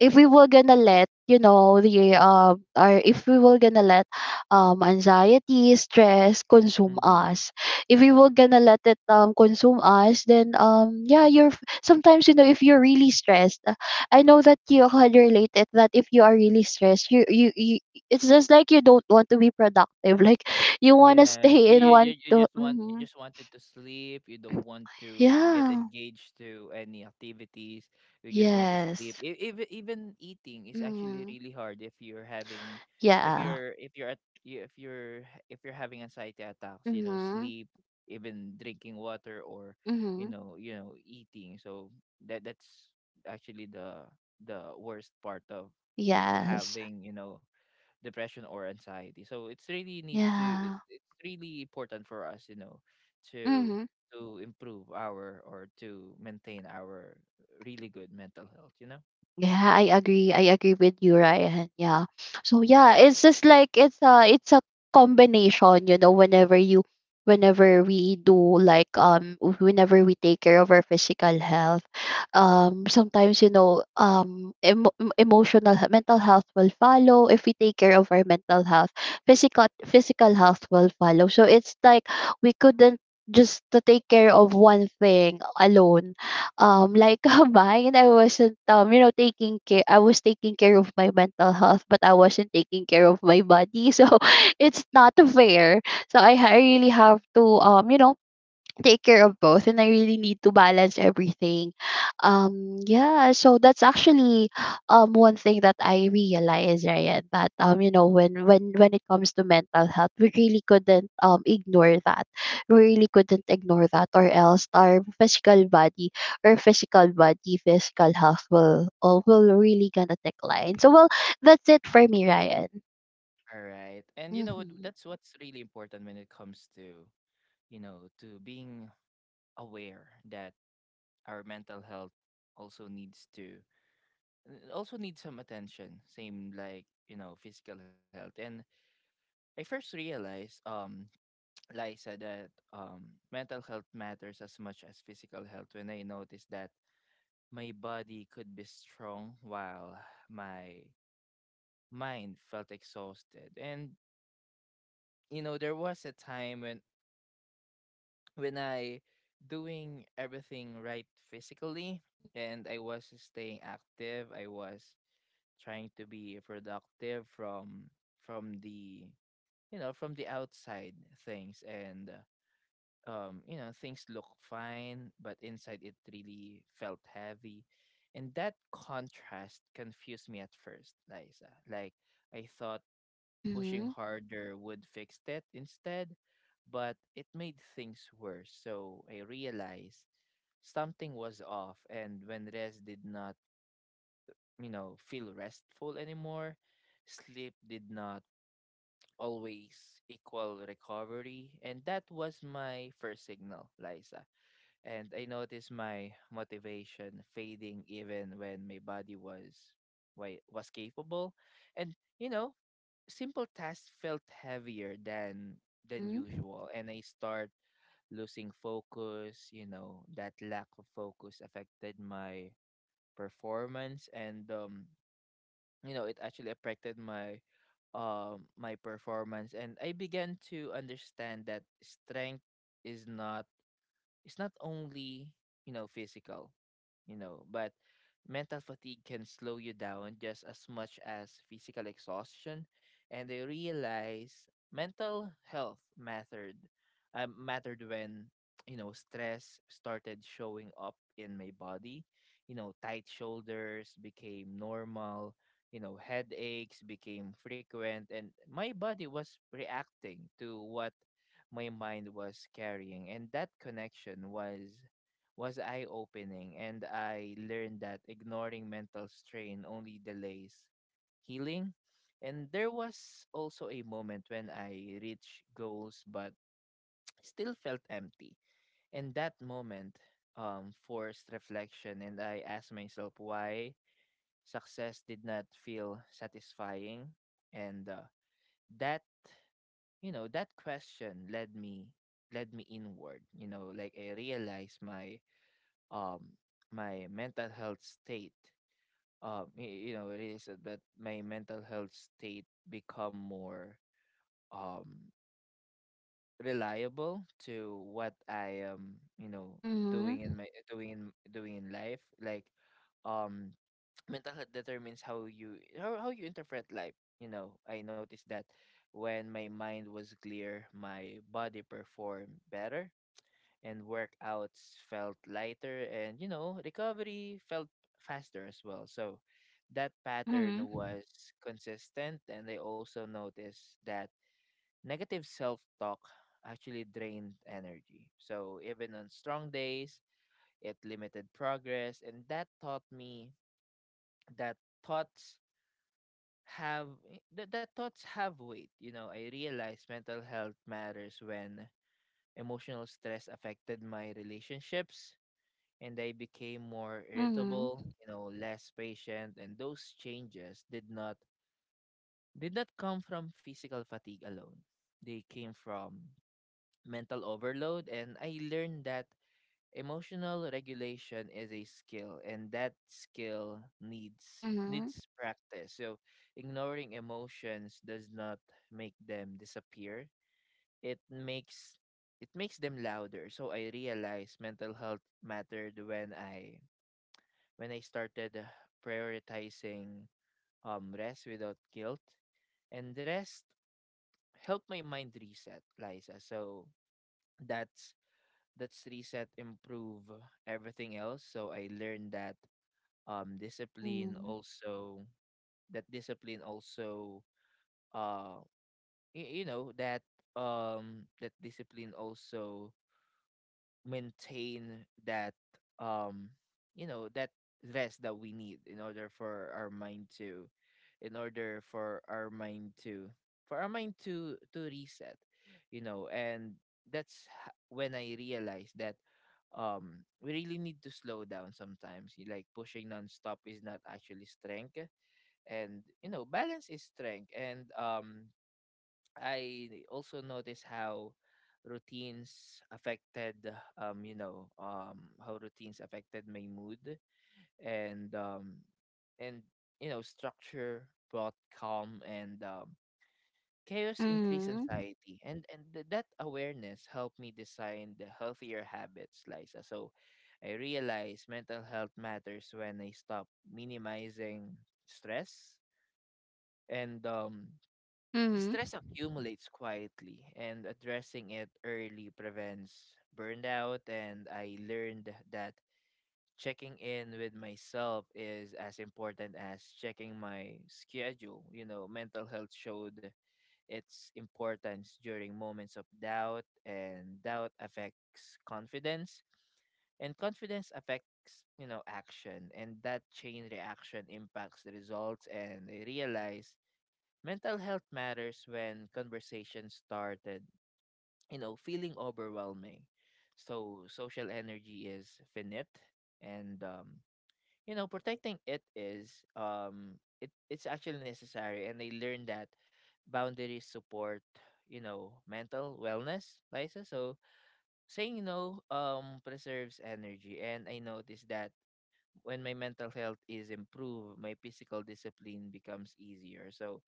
Speaker 2: if we were gonna let, you know, the, or if we were gonna let, anxiety, stress consume
Speaker 1: mhm.
Speaker 2: us. If we were gonna let it, consume us, then, yeah, sometimes, you know, if you're really stressed, I know that you had related that, if you are really stressed you. It's just like you don't want to be productive like you want to
Speaker 1: Yes,
Speaker 2: stay in
Speaker 1: you
Speaker 2: one
Speaker 1: you you
Speaker 2: to,
Speaker 1: just want, you
Speaker 2: hmm
Speaker 1: just wanted to sleep. You don't want to get
Speaker 2: Yeah.
Speaker 1: engaged to any activities. You just want to sleep.
Speaker 2: Yes.
Speaker 1: Even eating is actually
Speaker 2: Mm.
Speaker 1: really hard if you're having,
Speaker 2: Yeah.
Speaker 1: if you're having anxiety attacks. You know,
Speaker 2: Mhm.
Speaker 1: sleep, even drinking water, or you
Speaker 2: Mhm.
Speaker 1: know you know eating. So that's actually the worst part of
Speaker 2: Yes.
Speaker 1: having, you know, depression or anxiety. So it's really need to,
Speaker 2: Yeah.
Speaker 1: it's really important for us, you know, to
Speaker 2: Mhm.
Speaker 1: improve our, or to maintain our really good mental health, you know.
Speaker 2: Yeah, I agree. I agree with you, Ryan. Yeah. So yeah, it's just like it's a combination, you know, whenever we do like whenever we take care of our physical health. Sometimes you know emotional mental health will follow if we take care of our mental health. Physical health will follow, so it's like we couldn't just to take care of one thing alone. Like combined, I wasn't you know taking care I was taking care of my mental health but I wasn't taking care of my body so it's not fair. So I really have to you know take care of both, and I really need to balance everything. Yeah, so that's actually one thing that I realized, Ryan, that you know, when when it comes to mental health, we really couldn't ignore that. We really couldn't ignore that, or else our physical body or physical body, physical health will will really gonna decline. So, well, that's it for me, Ryan.
Speaker 1: All right. And you know what,
Speaker 2: Mm-hmm.
Speaker 1: that's what's really important when it comes to, you know, to being aware that our mental health also needs to, also needs some attention, same like, you know, physical health. And I first realized, like said that mental health matters as much as physical health when I noticed that my body could be strong while my mind felt exhausted. And you know, there was a time when I doing everything right physically, and I was staying active, I was trying to be productive, from the you know from the outside things. And you know, things look fine, but inside it really felt heavy. And that contrast confused me at first, Liza. Like, I thought pushing
Speaker 2: Mm-hmm.
Speaker 1: harder would fix that instead, but it made things worse. So I realized something was off. And when rest did not, you know, feel restful anymore, sleep did not always equal recovery. And that was my first signal, Liza. And I noticed my motivation fading even when my body was why was capable. And you know, simple tasks felt heavier than
Speaker 2: Mm-hmm.
Speaker 1: usual, and I start losing focus. You know, that lack of focus affected my performance, and you know it actually affected my my performance. And I began to understand that strength is not, it's not only you know, physical, but mental fatigue can slow you down just as much as physical exhaustion. And they realize mental health mattered, mattered when, you know, stress started showing up in my body. You know, tight shoulders became normal, you know, headaches became frequent, and my body was reacting to what my mind was carrying, and that connection was eye opening. And I learned that ignoring mental strain only delays healing. And there was also a moment when I reached goals but still felt empty, and that moment forced reflection, and I asked myself why success did not feel satisfying. And that you know, that question led me inward. You know, like I realized my um my mental health state y- you know it is that my mental health state become more um reliable to what I am, you know, doing in
Speaker 2: Mm-hmm.
Speaker 1: my, doing in doing in life. Like, um mental health determines how you, how you interpret life. You know, I noticed that when my mind was clear, my body performed better, and workouts felt lighter, and you know, recovery felt faster as well. So that pattern was consistent. And I also noticed that negative self-talk actually drained energy, so even on strong days it limited progress. And that taught me that thoughts have, the thoughts have weight. You know, I realized mental health matters when emotional stress affected my relationships and I became more irritable,
Speaker 2: Mm-hmm.
Speaker 1: you know, less patient, and those changes did not, come from physical fatigue alone. They came from mental overload. And I learned that emotional regulation is a skill, and that skill needs
Speaker 2: Mhm.
Speaker 1: needs practice. So, ignoring emotions does not make them disappear. It makes it makes them louder. So I realized mental health mattered when I, started prioritizing rest without guilt, and rest helped my mind reset, Liza. So that's, let's reset, improve everything else. So I learned that um discipline
Speaker 2: Mm.
Speaker 1: also discipline also uh y- you know that that discipline also maintain that, um you know that rest that we need in order for our mind to, in order for our mind to for our mind to reset, you know. And when I realized that, we really need to slow down sometimes, like pushing nonstop is not actually strength, and you know, balance is strength. And I also noticed how routines affected, my mood. And and you know, structure brought calm, and chaos increased
Speaker 2: Mhm.
Speaker 1: anxiety. And that awareness helped me design the healthier habits, Liza. So I realized mental health matters when I stop minimizing stress. And
Speaker 2: Mhm.
Speaker 1: stress accumulates quietly, and addressing it early prevents burnout. And I learned that checking in with myself is as important as checking my schedule. You know, mental health showed its importance during moments of doubt, and doubt affects confidence, and confidence affects, you know, action, and that chain reaction impacts the results. And I realized, mental health matters when conversations started, you know, feeling overwhelming. So social energy is finite, and you know, protecting it is, it's actually necessary. And I learned that boundaries support, you know, mental wellness, Liza. So saying no preserves energy. And I noticed that when my mental health is improved, my physical discipline becomes easier. So,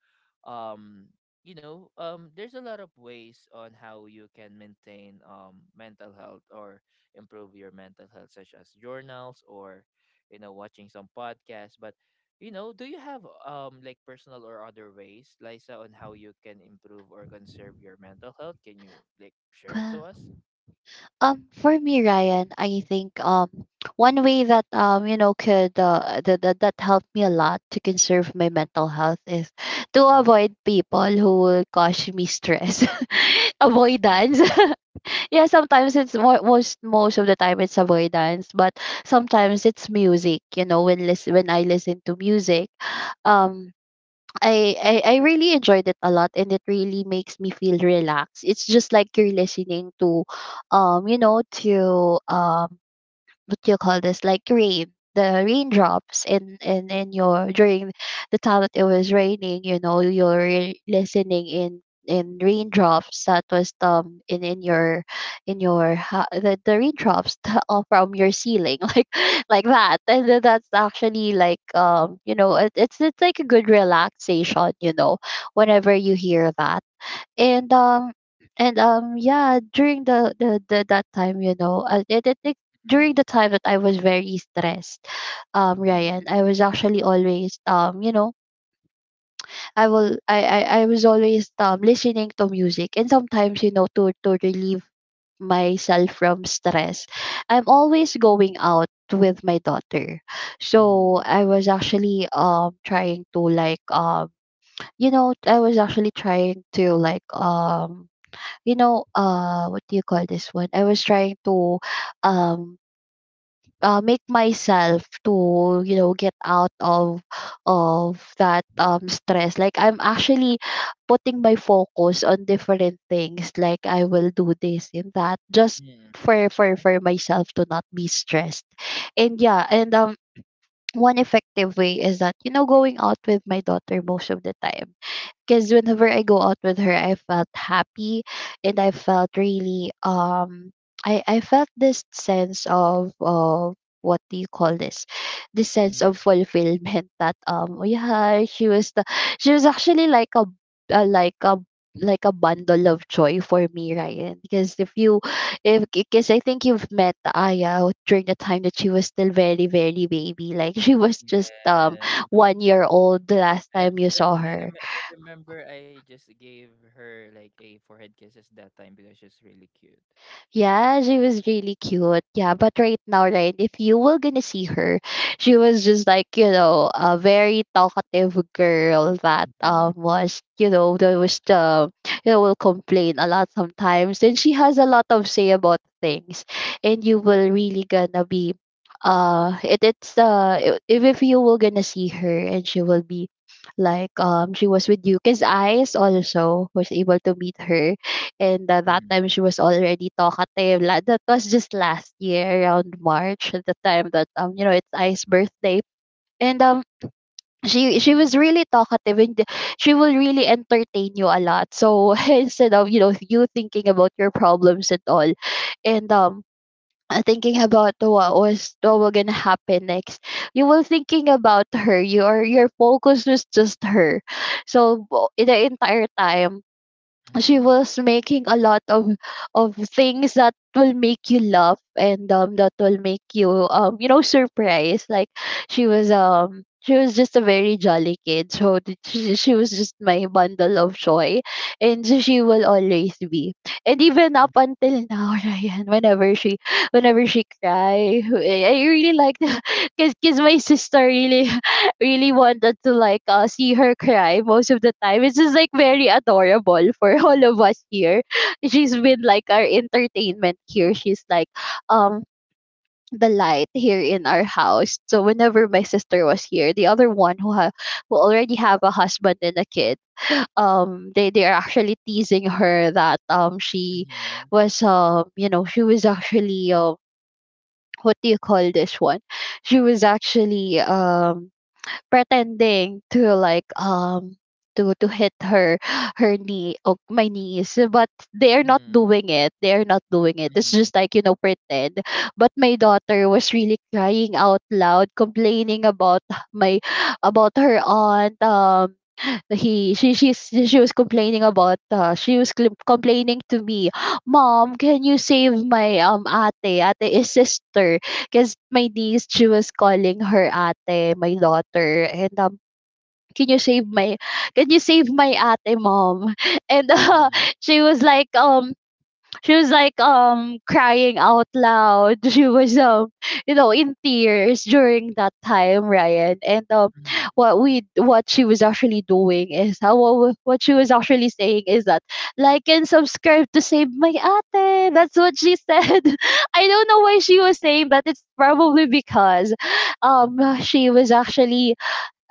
Speaker 1: um, you know, there's a lot of ways on how you can maintain mental health or improve your mental health, such as journals, or, you know, watching some podcasts. But, you know, do you have like personal or other ways, Liza, on how you can improve or conserve your mental health? Can you like share it to
Speaker 2: Well,
Speaker 1: us?
Speaker 2: for me, Ryan, I think one way that you know could that helped me a lot to conserve my mental health is to
Speaker 1: Mm-hmm.
Speaker 2: avoid people who will cause me stress.
Speaker 1: Mm-hmm.
Speaker 2: Avoidance. Yeah, sometimes it's more, most of the time it's avoidance, but sometimes it's music. You know, when I listen to music, um I, I really enjoyed it a lot, and it really makes me feel relaxed. It's just like you're listening to you know to what do you call this, like rain, the raindrops in your during the time that it was raining, you know, you're listening in raindrops that was in your the raindrops that are from your ceiling like that, and then that's actually like you know it's like a good relaxation, you know, whenever you hear that. And um and Yeah, during the that time, you know, during the time that I was very stressed,
Speaker 1: Mm-hmm.
Speaker 2: Ryan, I was actually always you know, I was always listening to music. And sometimes, you know, to relieve myself from stress. I'm always going out with my daughter. So
Speaker 1: Mm-hmm.
Speaker 2: I was actually trying to like you know, I was actually trying to like you know what do you call this one, I was trying to um make myself to you know get out of that stress. Like I'm actually putting my focus on different things. Like I will do this and that just for myself to not be stressed. And yeah, and one effective way is that, you know, going out with my daughter most of the time, because whenever I go out with her, I felt happy. And I felt really I felt this sense of what do you call this? This sense of fulfillment that yeah, she was the, she was actually like a like a like a bundle of joy for me, Ryan. Because if you if because I think you've met Aya during the time that she was still very very baby, like she was just
Speaker 1: Yes,
Speaker 2: 1 year old the last
Speaker 1: and
Speaker 2: time you saw her.
Speaker 1: I remember I just gave her, like, a forehead kisses that time because she's really cute.
Speaker 2: Yeah, she was really cute. Yeah, but right now, right, if you were gonna see her, she was just like, you know, a very talkative girl that
Speaker 1: Mhm,
Speaker 2: was, you know, that was the, you know, will complain a lot sometimes. And she has a lot of say about things. And you will really gonna be if you were gonna see her, and she will be like she was with you, because Ice also was able to meet her. And at that time
Speaker 1: mhm,
Speaker 2: she was already talkative. That was just last year around March, at the time that you know it's I's birthday, and she
Speaker 1: mhm,
Speaker 2: was really talkative, and she will really entertain you a lot. So instead of, you know, you thinking about your problems and all, and thinking about what was gonna happen next, you were thinking about her, your focus was just her. So in the entire time, she
Speaker 1: mhm,
Speaker 2: was making a lot of things that will make you laugh, and that will make you you know surprised, like she was just a very jolly kid. So she was just my bundle of joy, and so she will always be. And even up
Speaker 1: mhm,
Speaker 2: until now Ryan, whenever she cry, I really like because my sister really wanted to like see her cry most of the time. It's just like very adorable for all of us here. She's been like our entertainment here. She's like um the light here in our house. So whenever my sister was here, the other one who who already have a husband and a kid, they are actually teasing her that she
Speaker 1: mhm,
Speaker 2: was you know, she was actually what do you call this one? She was actually pretending to like to hit her knee or my knees, but they're not
Speaker 1: mhm,
Speaker 2: doing it, they're not doing it, it's
Speaker 1: mhm,
Speaker 2: just like, you know, pretend. But my daughter was really crying out loud, complaining about my, about her aunt. He she she's she was complaining about she was complaining to me, mom, can you save my ate, ate is sister, because my niece, she was calling her ate, my daughter. And can you save my, can you save my ate, mom and
Speaker 1: mhm, mhm,
Speaker 2: she was like um she was like crying out loud she was you know, in tears during that time, Ryan. And what she was actually doing is how what she was actually saying is that like and subscribe to save my ate. That's what she said. I don't know why she was saying that. It's probably because
Speaker 1: mhm, mhm,
Speaker 2: she was actually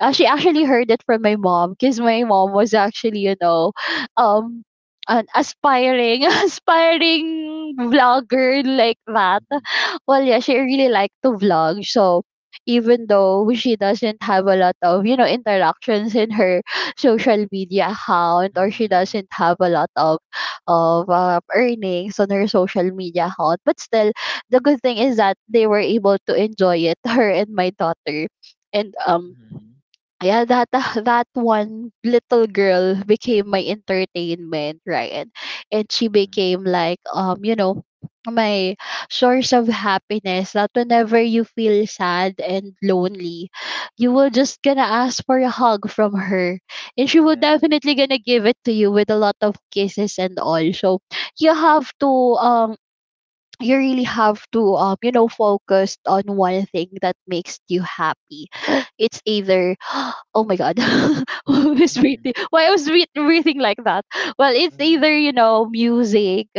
Speaker 2: she actually heard it from my mom, because my mom was actually, you know, um, an aspiring, aspiring vlogger like that.
Speaker 1: mhm,
Speaker 2: Well, yeah, she really liked to vlog. So even though she doesn't have a lot of, you know, interactions in her social media account, or she
Speaker 1: mhm,
Speaker 2: doesn't have a lot of earnings on her social media account, but still the good thing is that they were able to enjoy it, her and my daughter. And
Speaker 1: mhm,
Speaker 2: yeah, that that one little girl became my entertainment, right. And she
Speaker 1: mhm.
Speaker 2: became like you know my source of happiness, that whenever you feel sad and lonely, you will just gonna ask for a hug from her, and she will
Speaker 1: Yeah.
Speaker 2: definitely gonna give it to you with a lot of kisses and all. So you have to um you really have to you know focus on one thing that makes you happy. It's either oh my god who's
Speaker 1: Mhm,
Speaker 2: breathing, why I was breathing like that. Well, it's
Speaker 1: mhm,
Speaker 2: either you know music,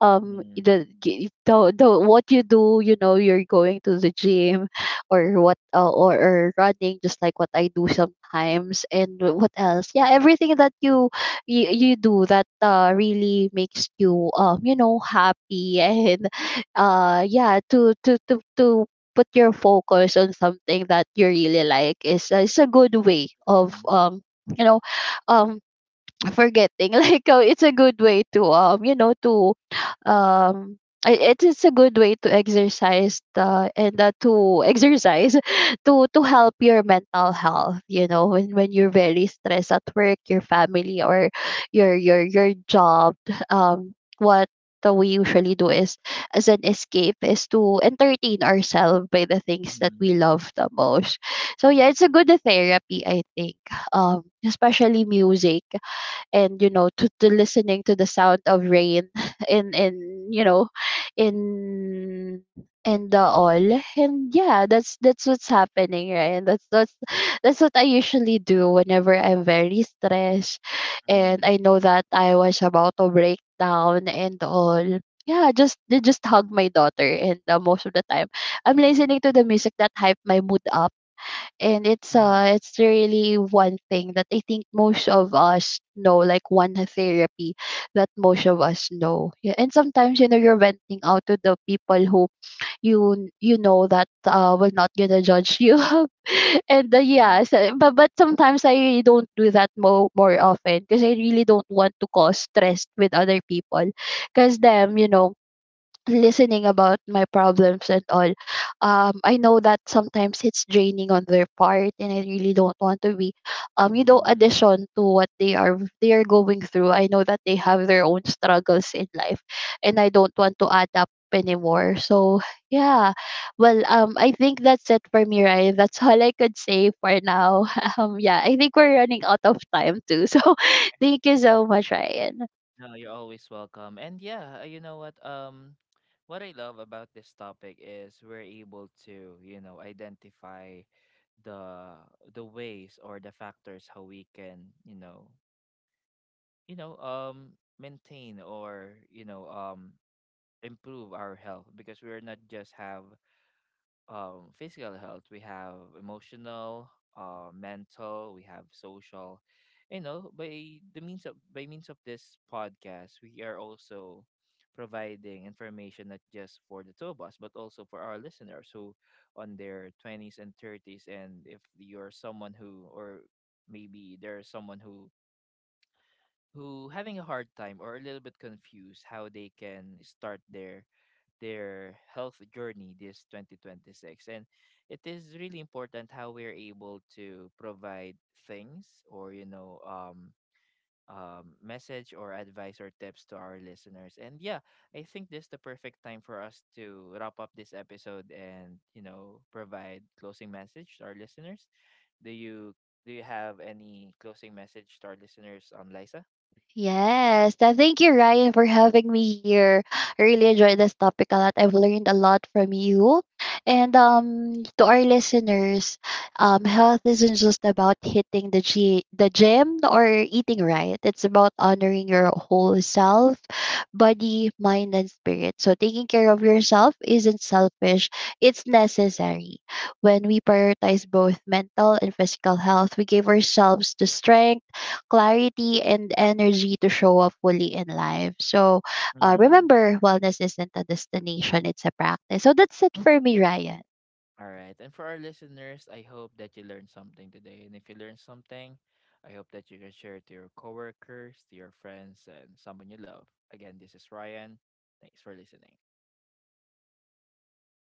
Speaker 1: mhm,
Speaker 2: the what you do, you know, you're going to the gym, or what or running, just like what I do sometimes, and what else? Yeah, everything that you you do that really makes you you know happy and yeah, to put your focus on something that you really like is a good way of
Speaker 1: mhm,
Speaker 2: you know um forgetting like, oh, it's a good way to you know to um it is a good way to exercise and to exercise to help your mental health, you know, when you're very stressed at work, your family, or your job. um what, the we usually do is, as an escape, is to entertain ourselves by the things that
Speaker 1: mhm,
Speaker 2: we love the most. So yeah, it's a good therapy, I think. Especially music, and, you know, to listening to the sound of rain in, you know, in in the all. And yeah, that's what's happening, right. And that's what I usually do whenever I'm very stressed,
Speaker 1: mhm,
Speaker 2: and I know that I was about to break down and all. Yeah, just they just hug my daughter, and most of the time I'm listening to the music that hype my mood up. And it's really one thing that I think most of us know, like one therapy that most of us know. Yeah, and sometimes, you know, you're venting out to the people who you, you know, that will not gonna judge you, and yeah,
Speaker 1: mhm,
Speaker 2: so, but sometimes I really don't do that more often because I really don't want to cause stress with other people, because them, you know, listening about my problems and all, I know that sometimes it's draining on their part, and I really don't want to be you
Speaker 1: mhm,
Speaker 2: know
Speaker 1: mhm.
Speaker 2: addition to what they are going through. I know that they have their own struggles in life, and I don't want to add up anymore. So yeah. Well, I think that's it for me, right. That's all I could say for now. Yeah, I think we're running out of time too. So thank you so much, Ryan.
Speaker 1: No, you're always welcome. And yeah, you know what? What I love about this topic is we're able to, you know, identify the ways or the factors how we can, you know, maintain or you know, improve our health, because we're not just have physical health, we have emotional, mental, we have social. You know, by the means of, by means of this podcast, we are also providing information not just for the two of us, but also for our listeners who on their twenties and thirties. And if you're someone who, or maybe there's someone who, having a hard time or a little bit confused how they can start their health journey this 2026. And it is really important how we're able to provide things or you know, message or advice or tips to our listeners. And yeah, I think this is the perfect time for us to wrap up this episode and you know, provide closing message to our listeners. do you do you have any closing message to our listeners, Liza?
Speaker 2: Yes, thank you, Ryan, for having me here. I really enjoyed this topic a lot. I've learned a lot from you. And to our listeners, health isn't just about hitting the, the gym or eating right, it's about honoring your whole self, body, mind, and spirit. So, taking care of yourself isn't selfish, it's necessary. When we prioritize both mental and physical health, we give ourselves the strength, clarity, and energy to show up fully in life. So remember, wellness isn't a destination, it's a practice. So that's it for me, Ryan.
Speaker 1: All right. And for our listeners, I hope that you learned something today. And if you learned something, I hope that you can share it to your coworkers, to your friends, and someone you love. Again, this is Ryan. Thanks for listening.